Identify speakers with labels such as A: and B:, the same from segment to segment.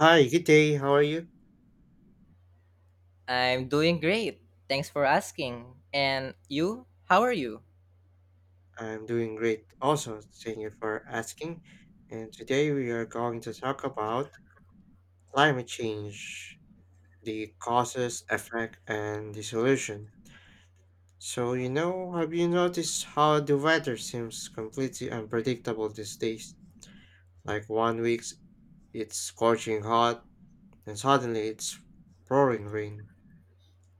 A: Hi, good day. How are you?
B: I'm doing great. Thanks for asking. And you? How are you?
A: I'm doing great. Also, thank you for asking. And today we are going to talk about climate change, the causes, effect, and the solution. So, have you noticed how the weather seems completely unpredictable these days? Like one week it's scorching hot, and suddenly it's pouring rain.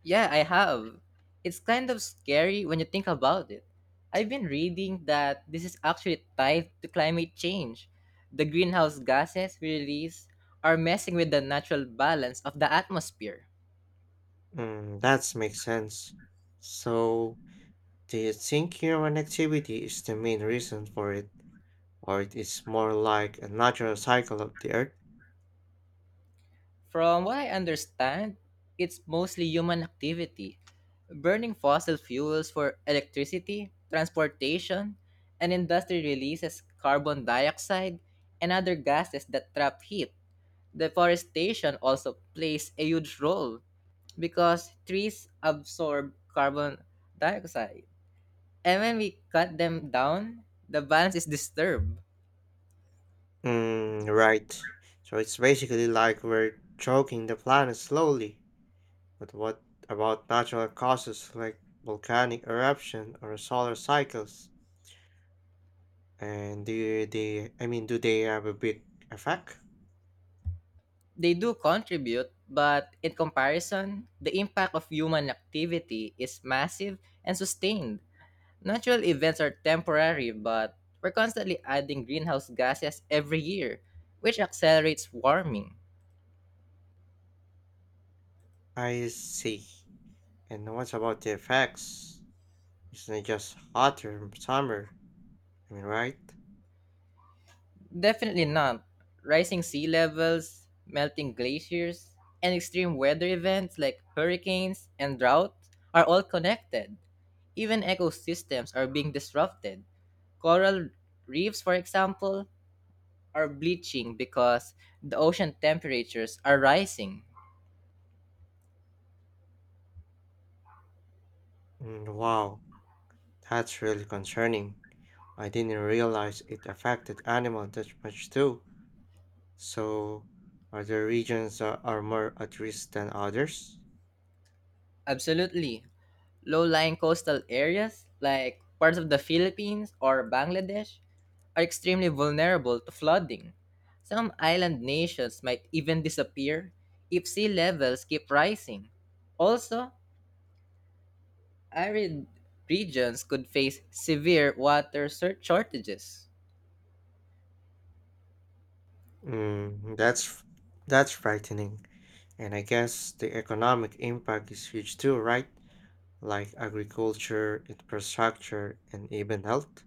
B: Yeah, I have. It's kind of scary when you think about it. I've been reading that this is actually tied to climate change. The greenhouse gases we release are messing with the natural balance of the atmosphere.
A: Mm, that makes sense. So, do you think human activity is the main reason for it, or it is more like a natural cycle of the earth?
B: From what I understand, it's mostly human activity, burning fossil fuels for electricity, transportation, and industry releases carbon dioxide and other gases that trap heat. Deforestation also plays a huge role because trees absorb carbon dioxide. And when we cut them down, the balance is disturbed.
A: Mm, right. So it's basically like we're choking the planet slowly. But what about natural causes like volcanic eruption or solar cycles? And do they have a big effect?
B: They do contribute, but in comparison, the impact of human activity is massive and sustained. Natural events are temporary, but we're constantly adding greenhouse gases every year, which accelerates warming.
A: I see. And what about the effects? Isn't it just hotter in summer? I mean, right?
B: Definitely not. Rising sea levels, melting glaciers, and extreme weather events like hurricanes and drought are all connected. Even ecosystems are being disrupted. Coral reefs, for example, are bleaching because the ocean temperatures are rising.
A: Mm, wow, that's really concerning. I didn't realize it affected animals that much too. So, are there regions that are more at risk than others?
B: Absolutely. Low lying coastal areas, like parts of the Philippines or Bangladesh, are extremely vulnerable to flooding. Some island nations might even disappear if sea levels keep rising. Also, arid regions could face severe water shortages.
A: Mm, that's frightening. And I guess the economic impact is huge too, right? Like agriculture, infrastructure, and even health.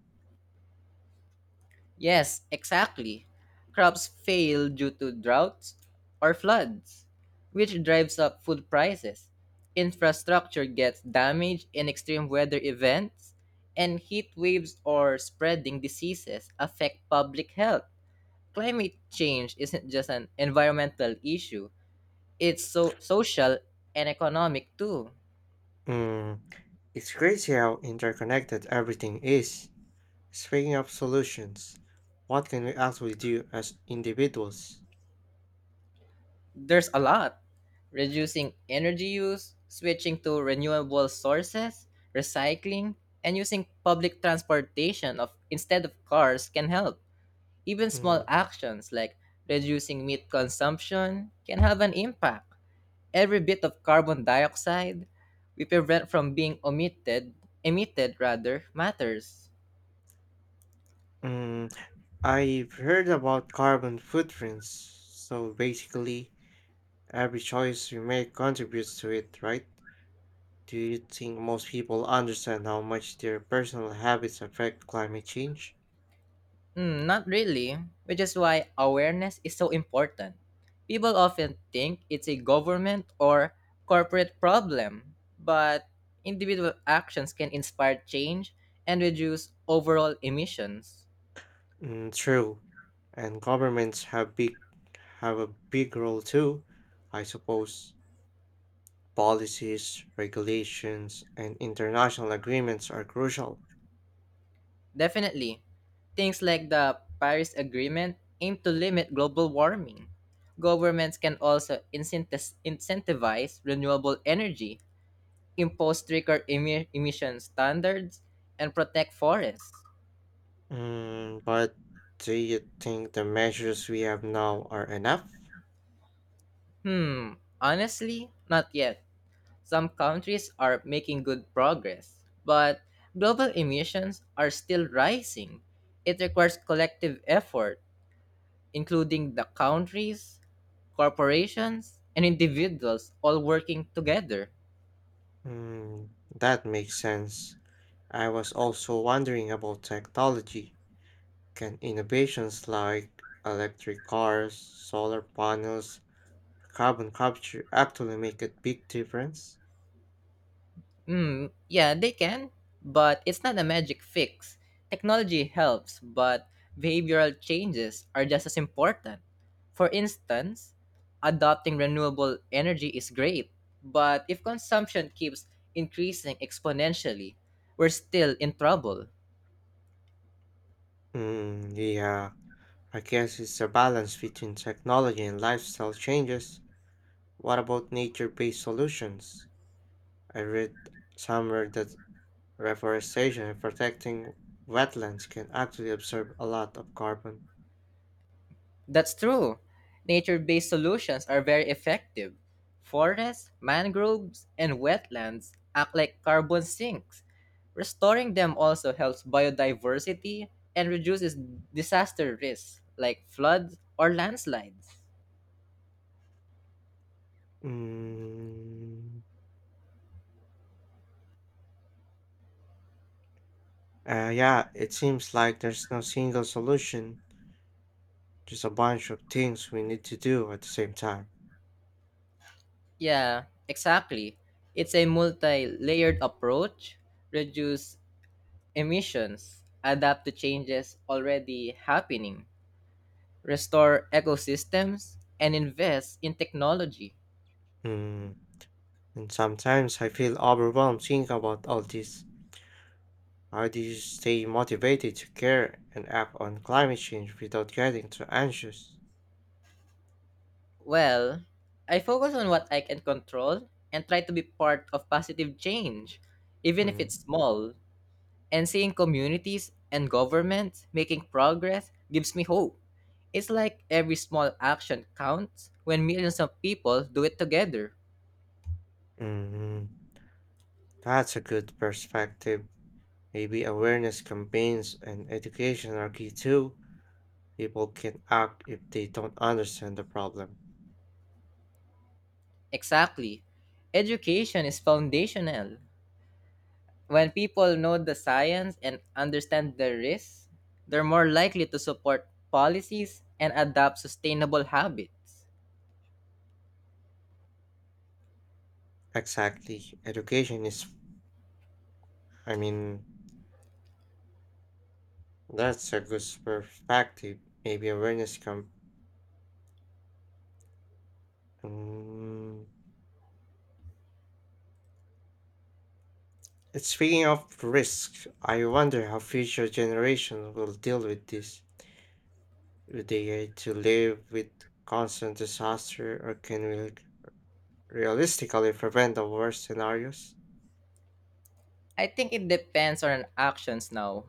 B: Yes, exactly. Crops fail due to droughts or floods, which drives up food prices. Infrastructure gets damaged in extreme weather events, and heat waves or spreading diseases affect public health. Climate change isn't just an environmental issue, it's so social and economic too.
A: Mm, it's crazy how interconnected everything is. Speaking of solutions, what can we actually do as individuals?
B: There's a lot. Reducing energy use, switching to renewable sources, recycling, and using public transportation of instead of cars can help. Even small
A: Mm,
B: actions like reducing meat consumption can have an impact. Every bit of carbon dioxide we prevent from being omitted, emitted rather, matters.
A: mm, I've heard about carbon footprints, so basically every choice we make contributes to it, right? Do you think most people understand how much their personal habits affect climate change?
B: Not really, which is why awareness is so important. People often think it's a government or corporate problem, but individual actions can inspire change and reduce overall emissions.
A: Mm, true, and governments have big have a big role too, I suppose. Policies, regulations, and international agreements are crucial.
B: Definitely, things like the Paris Agreement aim to limit global warming. Governments can also incentivize renewable energy, impose stricter emission standards, and protect forests.
A: Mm, but do you think the measures we have now are enough?
B: Honestly, not yet. Some countries are making good progress, but global emissions are still rising. It requires collective effort, including the countries, corporations, and individuals all working together.
A: Hmm, that makes sense. I was also wondering about technology. Can innovations like electric cars, solar panels, carbon capture actually make a big difference?
B: Yeah, they can, but it's not a magic fix. Technology helps, but behavioral changes are just as important. For instance, adopting renewable energy is great, but if consumption keeps increasing exponentially, we're still in trouble.
A: Mm, yeah, I guess it's a balance between technology and lifestyle changes. What about nature-based solutions? I read somewhere that reforestation and protecting wetlands can actually absorb a lot of carbon.
B: That's true. Nature based solutions are very effective. Forests, mangroves, and wetlands act like carbon sinks. Restoring them also helps biodiversity and reduces disaster risks like floods or landslides.
A: Mm, yeah, it seems like there's no single solution, just a bunch of things we need to do at the same time.
B: Yeah, exactly. It's a multi layered approach, reduce emissions, adapt to changes already happening, restore ecosystems, and invest in technology.
A: Mm, and sometimes I feel overwhelmed thinking about all this. How do you stay motivated to care and act on climate change without getting too anxious?
B: Well, I focus on what I can control and try to be part of positive change, even if
A: Mm,
B: it's small. And seeing communities and governments making progress gives me hope. It's like every small action counts when millions of people do it together.
A: mm, that's a good perspective. Maybe awareness campaigns and education are key too. People can act if they don't understand the problem.
B: Exactly. Education is foundational. When people know the science and understand the risks, they're more likely to support policies and adopt sustainable habits.
A: Exactly. Education is, I mean, that's a good perspective. Maybe awareness come. Mm. It's speaking of risks, I wonder how future generations will deal with this. Will they to live with constant disaster, or can we realistically prevent the worst scenarios?
B: I think it depends on our actions now.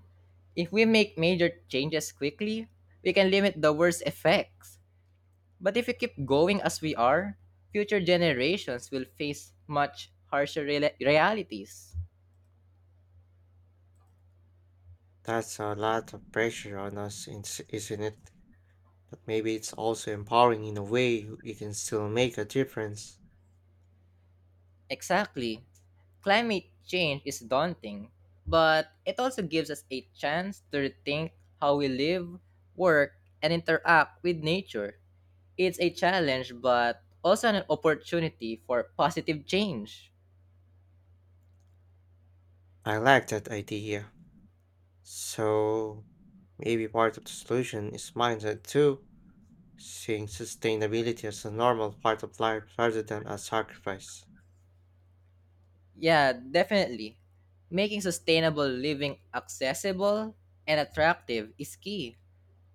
B: If we make major changes quickly, we can limit the worst effects. But if we keep going as we are, future generations will face much harsher realities.
A: That's a lot of pressure on us, isn't it? But maybe it's also empowering in a way we can still make a difference.
B: Exactly. Climate change is daunting, but it also gives us a chance to rethink how we live, work, and interact with nature. It's a challenge, but also an opportunity for positive change.
A: I like that idea. So maybe part of the solution is mindset too, seeing sustainability as a normal part of life rather than a sacrifice.
B: Yeah, definitely. Making sustainable living accessible and attractive is key.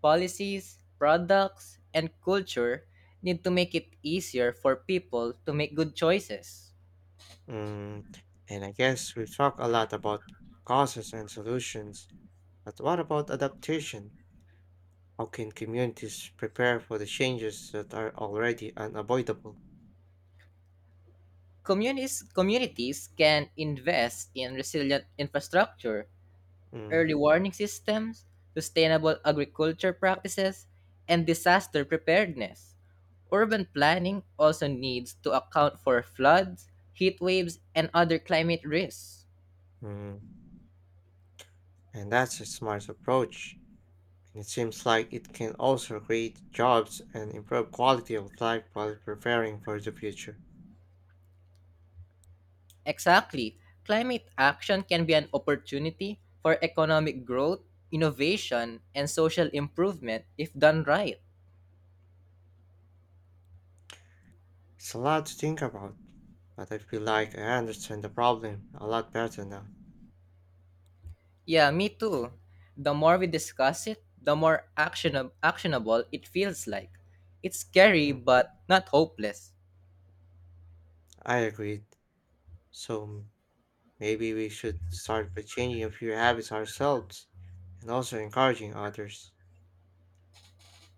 B: Policies, products, and culture need to make it easier for people to make good choices.
A: Mm, and I guess we've talked a lot about causes and solutions, but what about adaptation? How can communities prepare for the changes that are already unavoidable?
B: Communities can invest in resilient infrastructure
A: Mm,
B: early warning systems, sustainable agriculture practices, and disaster preparedness. Urban planning also needs to account for floods, heat waves, and other climate risks.
A: mm. And that's a smart approach. And it seems like it can also create jobs and improve quality of life while preparing for the future.
B: Exactly. Climate action can be an opportunity for economic growth, innovation, and social improvement if done right.
A: It's a lot to think about, but I feel like I understand the problem a lot better now.
B: Yeah, me too. The more we discuss it, the more actionable it feels like. It's scary
A: Mm,
B: but not hopeless.
A: I agreed. So m- maybe we should start by changing a few habits ourselves and also encouraging others.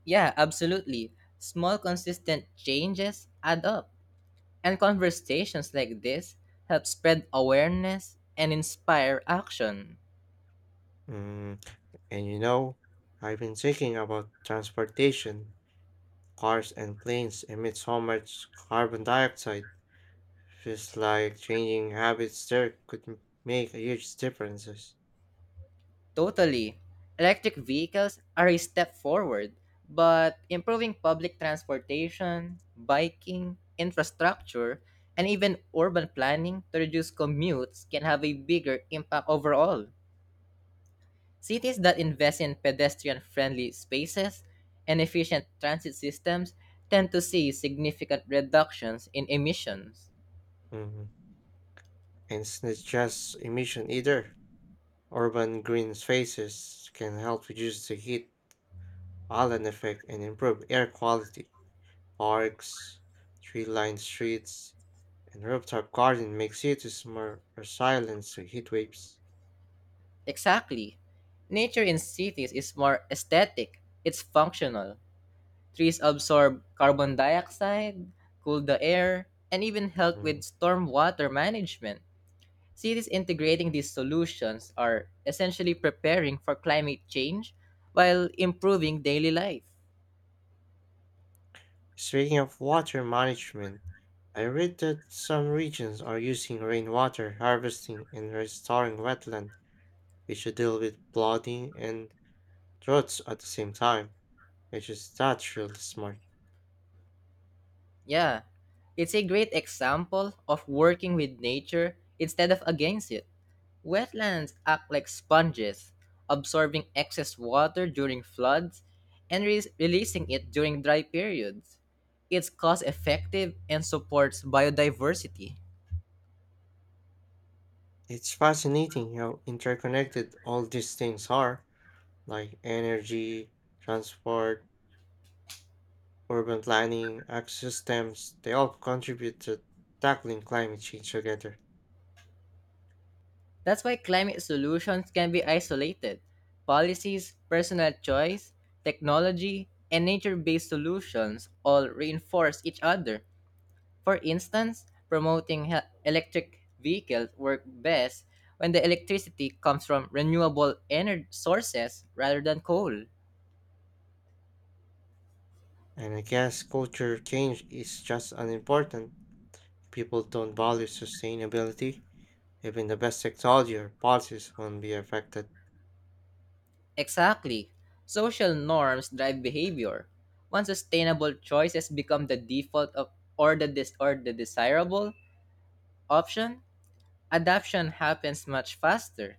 B: Yeah, absolutely. Small, consistent changes add up. And conversations like this help spread awareness and inspire action.
A: Mm, and you know, I've been thinking about transportation. Cars and planes emit so much carbon dioxide. Feels like changing habits there could make a huge differences.
B: Totally. Electric vehicles are a step forward, but improving public transportation, biking, infrastructure, and even urban planning to reduce commutes can have a bigger impact overall. Cities that invest in pedestrian friendly spaces and efficient transit systems tend to see significant reductions in emissions.
A: Mm, and it's not just emission either. Urban green spaces can help reduce the heat island effect and improve air quality. Parks, tree-lined streets, and rooftop garden make cities more resilient to heat waves.
B: Exactly. Nature in cities is more aesthetic, it's functional. Trees absorb carbon dioxide, cool the air, and even help with
A: Mm.
B: stormwater management. Cities integrating these solutions are essentially preparing for climate change while improving daily life.
A: Speaking of water management, I read that some regions are using rainwater harvesting and restoring wetland, which will deal with flooding and droughts at the same time, which is naturally smart.
B: Yeah, it's a great example of working with nature instead of against it. Wetlands act like sponges, absorbing excess water during floods and releasing it during dry periods. It's cost effective and supports biodiversity.
A: It's fascinating how interconnected all these things are, like energy, transport, urban planning, ecosystems, they all contribute to tackling climate change together.
B: That's why climate solutions can be isolated. Policies, personal choice, technology, and nature based solutions all reinforce each other. For instance, promoting electric vehicles work best when the electricity comes from renewable energy sources rather than coal.
A: And I guess culture change is just as important. If people don't value sustainability, even the best technology or policies won't be affected.
B: Exactly. Social norms drive behavior. Once sustainable choices become the default of or the or the desirable option, adoption happens much faster.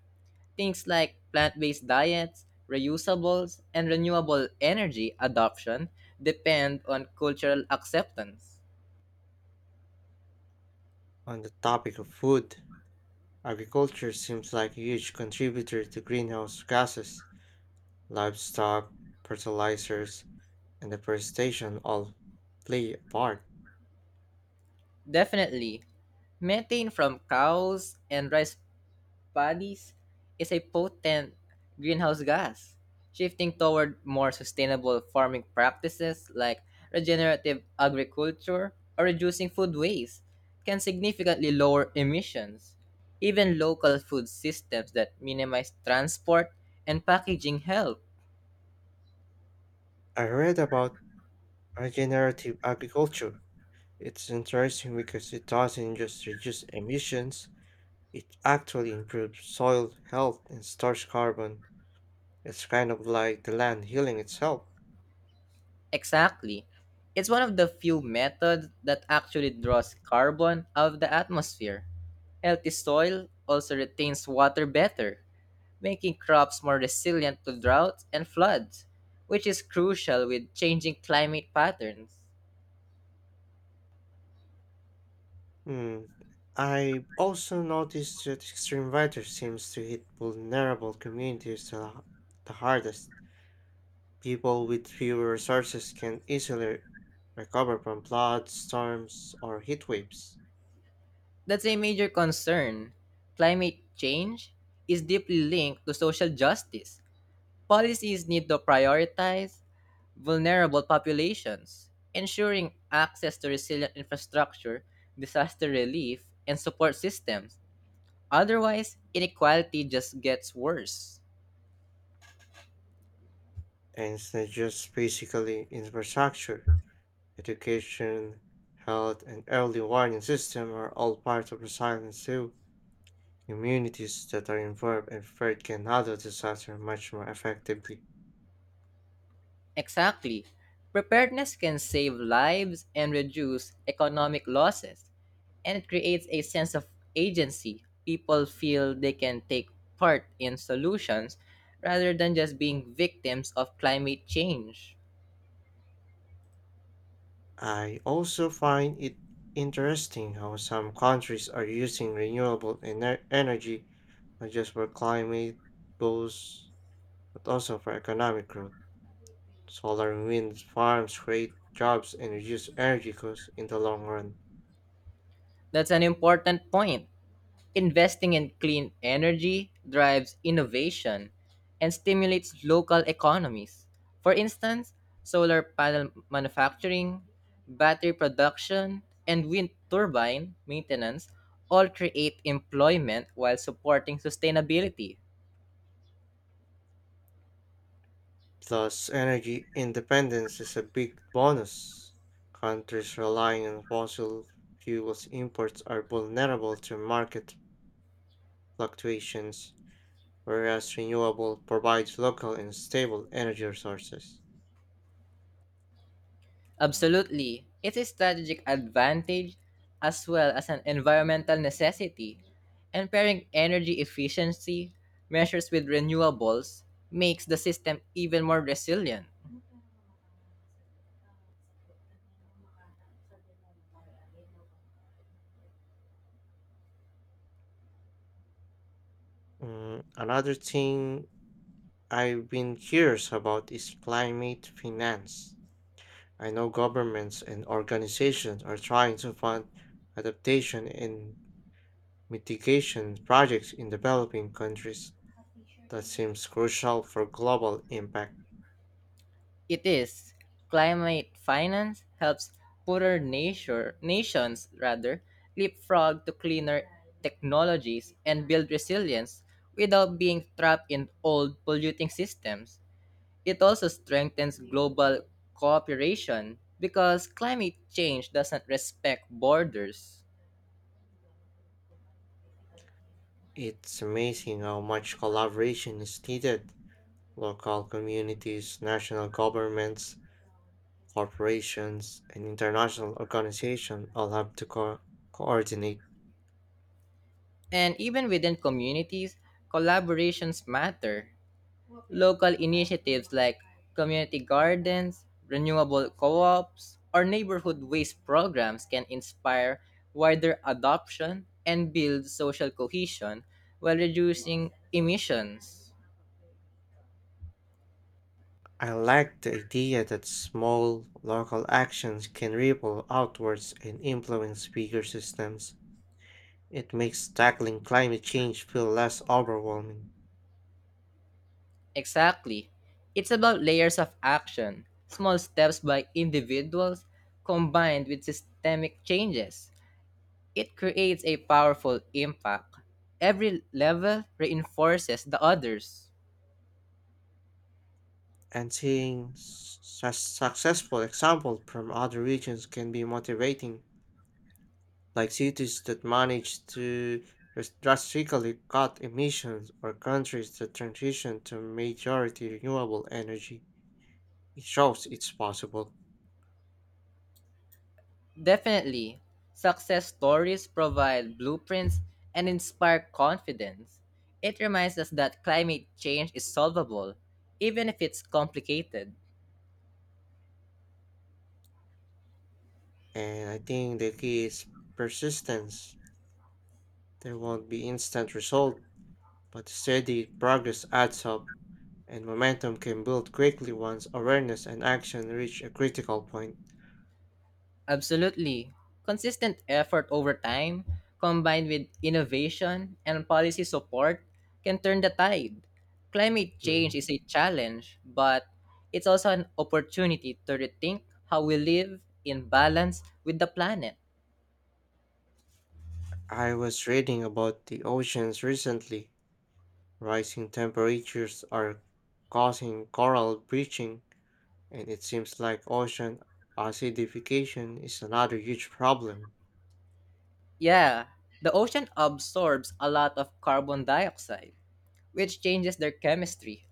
B: Things like plant-based diets, reusables, and renewable energy adoption depend on cultural acceptance.
A: On the topic of food, agriculture seems like a huge contributor to greenhouse gases, livestock, fertilizers, and deforestation all play a part.
B: Definitely. Methane from cows and rice paddies is a potent greenhouse gas. Shifting toward more sustainable farming practices like regenerative agriculture or reducing food waste can significantly lower emissions. Even local food systems that minimize transport and packaging help.
A: I read about regenerative agriculture. It's interesting because it doesn't just reduce emissions, it actually improves soil health and stores carbon. It's kind of like the land healing itself.
B: Exactly. It's one of the few methods that actually draws carbon out of the atmosphere. Healthy soil also retains water better, making crops more resilient to droughts and floods, which is crucial with changing climate patterns.
A: Hmm. I also noticed that extreme weather seems to hit vulnerable communities the hardest. People with fewer resources can easily recover from floods, storms, or heat waves.
B: That's a major concern. Climate change is deeply linked to social justice. Policies need to prioritize vulnerable populations, ensuring access to resilient infrastructure, disaster relief, and support systems. Otherwise, inequality just gets worse.
A: And it's not just basically infrastructure, education, health, and early warning system are all part of resilience too. Communities that are involved and prepared can handle disaster much more effectively.
B: Exactly. Preparedness can save lives and reduce economic losses, and it creates a sense of agency. People feel they can take part in solutions rather than just being victims of climate change.
A: I also find it interesting how some countries are using energy not just for climate goals but also for economic growth. Solar and wind farms create jobs and reduce energy costs in the long run.
B: That's an important point. Investing in clean energy drives innovation and stimulates local economies. For instance, solar panel manufacturing, battery production, and wind turbine maintenance all create employment while supporting sustainability.
A: Plus, energy independence is a big bonus. Countries relying on fossil fuels imports are vulnerable to market fluctuations, whereas renewable provides local and stable energy resources.
B: Absolutely. It's a strategic advantage as well as an environmental necessity. And pairing energy efficiency measures with renewables makes the system even more resilient.
A: Mm, another thing I've been curious about is climate finance. I know governments and organizations are trying to fund adaptation and mitigation projects in developing countries. That seems crucial for global impact.
B: It is climate finance helps poorer nature, nations rather leapfrog to cleaner technologies and build resilience without being trapped in old polluting systems. It also strengthens global cooperation because climate change doesn't respect borders.
A: It's amazing how much collaboration is needed. Local communities, national governments, corporations, and international organizations all have to coordinate.
B: And even within communities, collaborations matter. Local initiatives like community gardens, renewable co ops, or neighborhood waste programs can inspire wider adoption and build social cohesion while reducing emissions.
A: I like the idea that small local actions can ripple outwards and influence bigger systems. It makes tackling climate change feel less overwhelming.
B: Exactly. It's about layers of action, small steps by individuals combined with systemic changes. It creates a powerful impact. Every level reinforces the others.
A: And seeing successful examples from other regions can be motivating, like cities that manage to drastically cut emissions or countries that transition to majority renewable energy. It shows it's possible.
B: Definitely, success stories provide blueprints and inspire confidence. It reminds us that climate change is solvable, even if it's complicated.
A: And I think the key is persistence. There won't be instant result, but steady progress adds up, and momentum can build quickly once awareness and action reach a critical point.
B: Absolutely. Consistent effort over time, combined with innovation and policy support, can turn the tide. Climate change
A: Mm.
B: is a challenge, but it's also an opportunity to rethink how we live in balance with the planet.
A: I was reading about the oceans recently. Rising temperatures are causing coral bleaching, and it seems like ocean acidification is another huge problem.
B: Yeah, the ocean absorbs a lot of carbon dioxide, which changes their chemistry.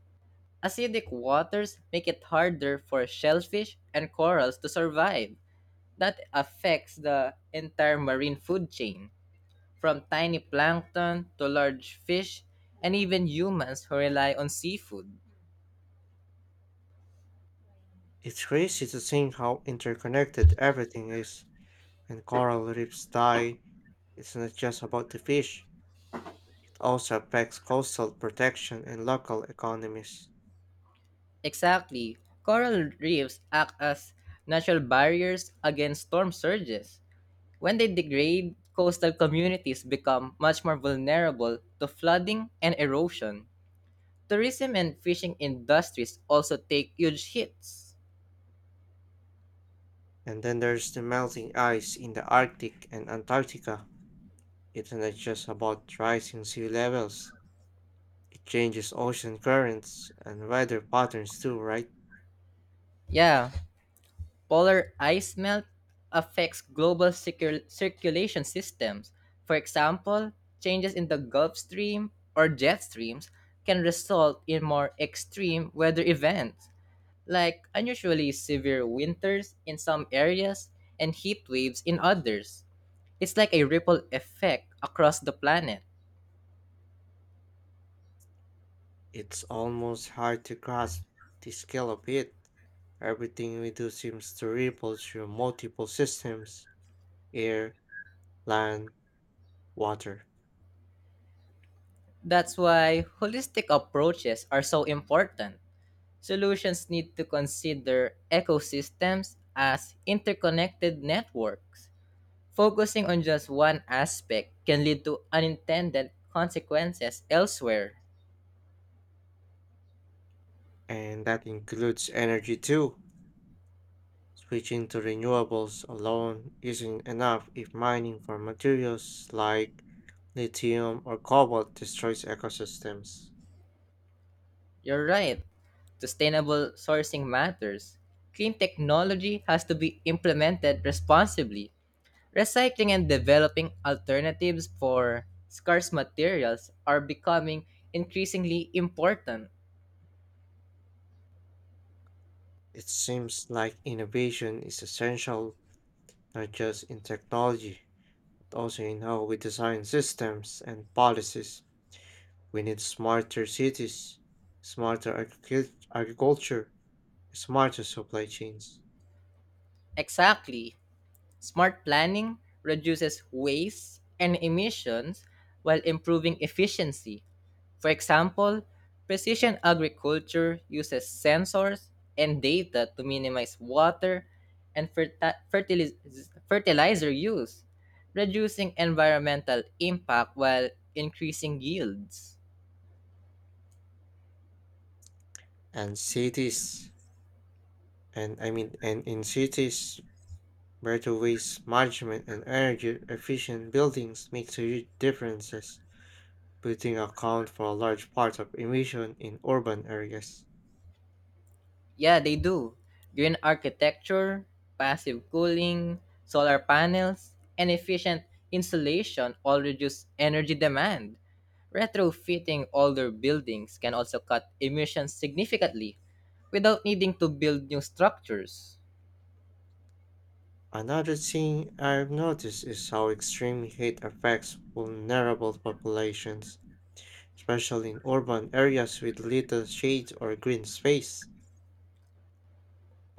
B: Acidic waters make it harder for shellfish and corals to survive. That affects the entire marine food chain, from tiny plankton to large fish and even humans who rely on seafood.
A: It's crazy to think how interconnected everything is. When coral reefs die, it's not just about the fish, it also affects coastal protection and local economies.
B: Exactly, coral reefs act as natural barriers against storm surges. When they degrade, coastal communities become much more vulnerable to flooding and erosion. Tourism and fishing industries also take huge hits.
A: And then there's the melting ice in the Arctic and Antarctica. It's not just about rising sea levels, it changes ocean currents and weather patterns too, right?
B: Yeah, polar ice melt affects global circulation systems. For example, changes in the Gulf Stream or jet streams can result in more extreme weather events, like unusually severe winters in some areas and heat waves in others. It's like a ripple effect across the planet.
A: It's almost hard to grasp the scale of it. Everything we do seems to ripple through multiple systems: air, land, water.
B: That's why holistic approaches are so important. Solutions need to consider ecosystems as interconnected networks. Focusing on just one aspect can lead to unintended consequences elsewhere.
A: And that includes energy too. Switching to renewables alone isn't enough if mining for materials like lithium or cobalt destroys ecosystems.
B: You're right, sustainable sourcing matters. Clean technology has to be implemented responsibly. Recycling and developing alternatives for scarce materials are becoming increasingly important.
A: It seems like innovation is essential not just in technology, but also in how we design systems and policies. We need smarter cities, agriculture, smarter supply chains,
B: Exactly. Smart planning reduces waste and emissions while improving efficiency. For example, precision agriculture uses sensors and data to minimize water and fertilizer use, reducing environmental impact while increasing yields.
A: and cities. And in cities, better waste management and energy efficient buildings make huge differences. Putting account for a large part of emission in urban areas.
B: Yeah, they do. Green architecture, passive cooling, solar panels, and efficient insulation all reduce energy demand. Retrofitting older buildings can also cut emissions significantly without needing to build new structures.
A: Another thing I've noticed is how extreme heat affects vulnerable populations, especially in urban areas with little shade or green space.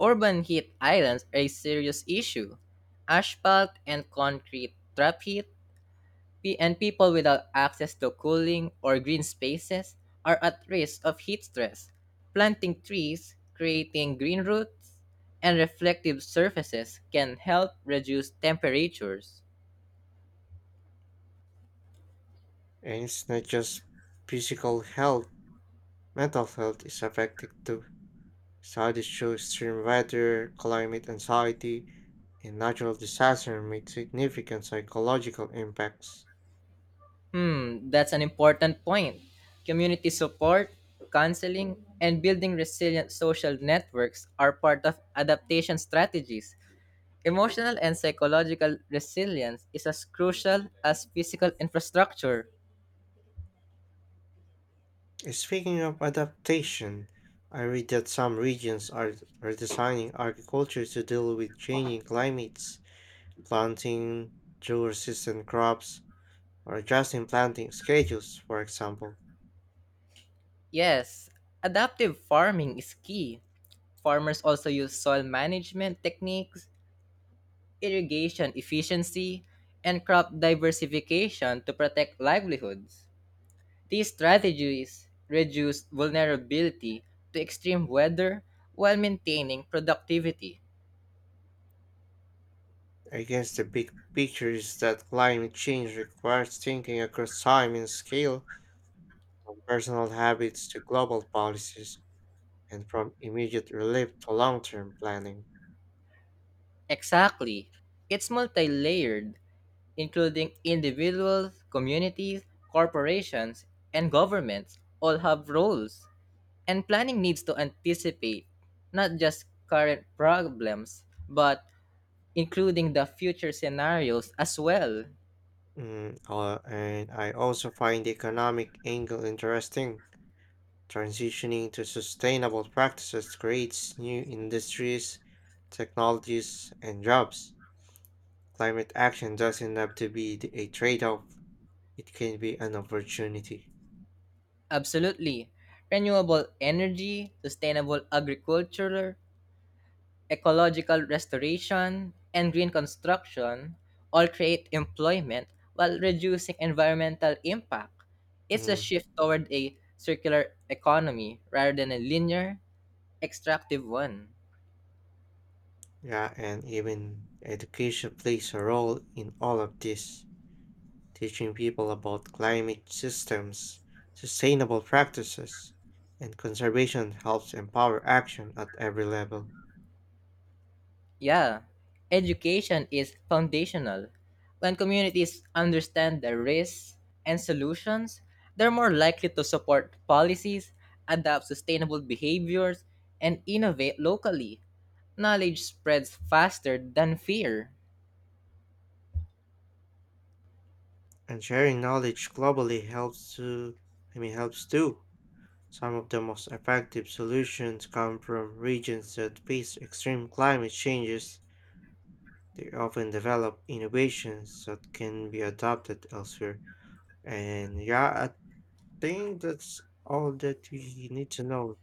B: Urban heat islands are a serious issue. Asphalt and concrete trap heat. And people without access to cooling or green spaces are at risk of heat stress. Planting trees, creating green roofs, and reflective surfaces can help reduce temperatures.
A: And it's not just physical health, mental health is affected too. Studies show extreme weather, climate anxiety, and natural disaster make significant psychological impacts.
B: That's an important point. Community support, counseling, and building resilient social networks are part of adaptation strategies. Emotional and psychological resilience is as crucial as physical infrastructure.
A: Speaking of adaptation, I read that some regions are designing agriculture to deal with changing climates, planting drought-resistant crops, or adjusting planting schedules, for example.
B: Yes, adaptive farming is key. Farmers also use soil management techniques, irrigation efficiency, and crop diversification to protect livelihoods. These strategies reduce vulnerability to extreme weather while maintaining productivity.
A: Against the big picture is that climate change requires thinking across time and scale, from personal habits to global policies, and from immediate relief to long-term planning.
B: Exactly. It's multi layered, including individuals, communities, corporations, and governments all have roles. And planning needs to anticipate not just current problems, but including the future scenarios as well.
A: Mm, and I also find the economic angle interesting. Transitioning to sustainable practices creates new industries, technologies, and jobs. Climate action doesn't have to be a trade off, it can be an opportunity.
B: Absolutely. Renewable energy, sustainable agriculture, ecological restoration, and green construction all create employment while reducing environmental impact. It's a
A: Mm,
B: shift toward a circular economy rather than a linear, extractive one.
A: yeah, and even education plays a role in all of this, teaching people about climate systems, sustainable practices, and conservation helps empower action at every level.
B: Yeah, education is foundational. When communities understand the risks and solutions, they're more likely to support policies, adapt sustainable behaviors, and innovate locally. Knowledge spreads faster than fear.
A: And sharing knowledge globally helps to, I mean, helps too. Some of the most effective solutions come from regions that face extreme climate changes. They often develop innovations that can be adopted elsewhere. And yeah, I think that's all that we need to know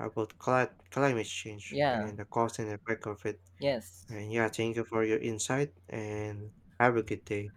A: about climate change
B: Yeah,
A: and the cause and effect of it.
B: yes.
A: And yeah, thank you for your insight and have a good day.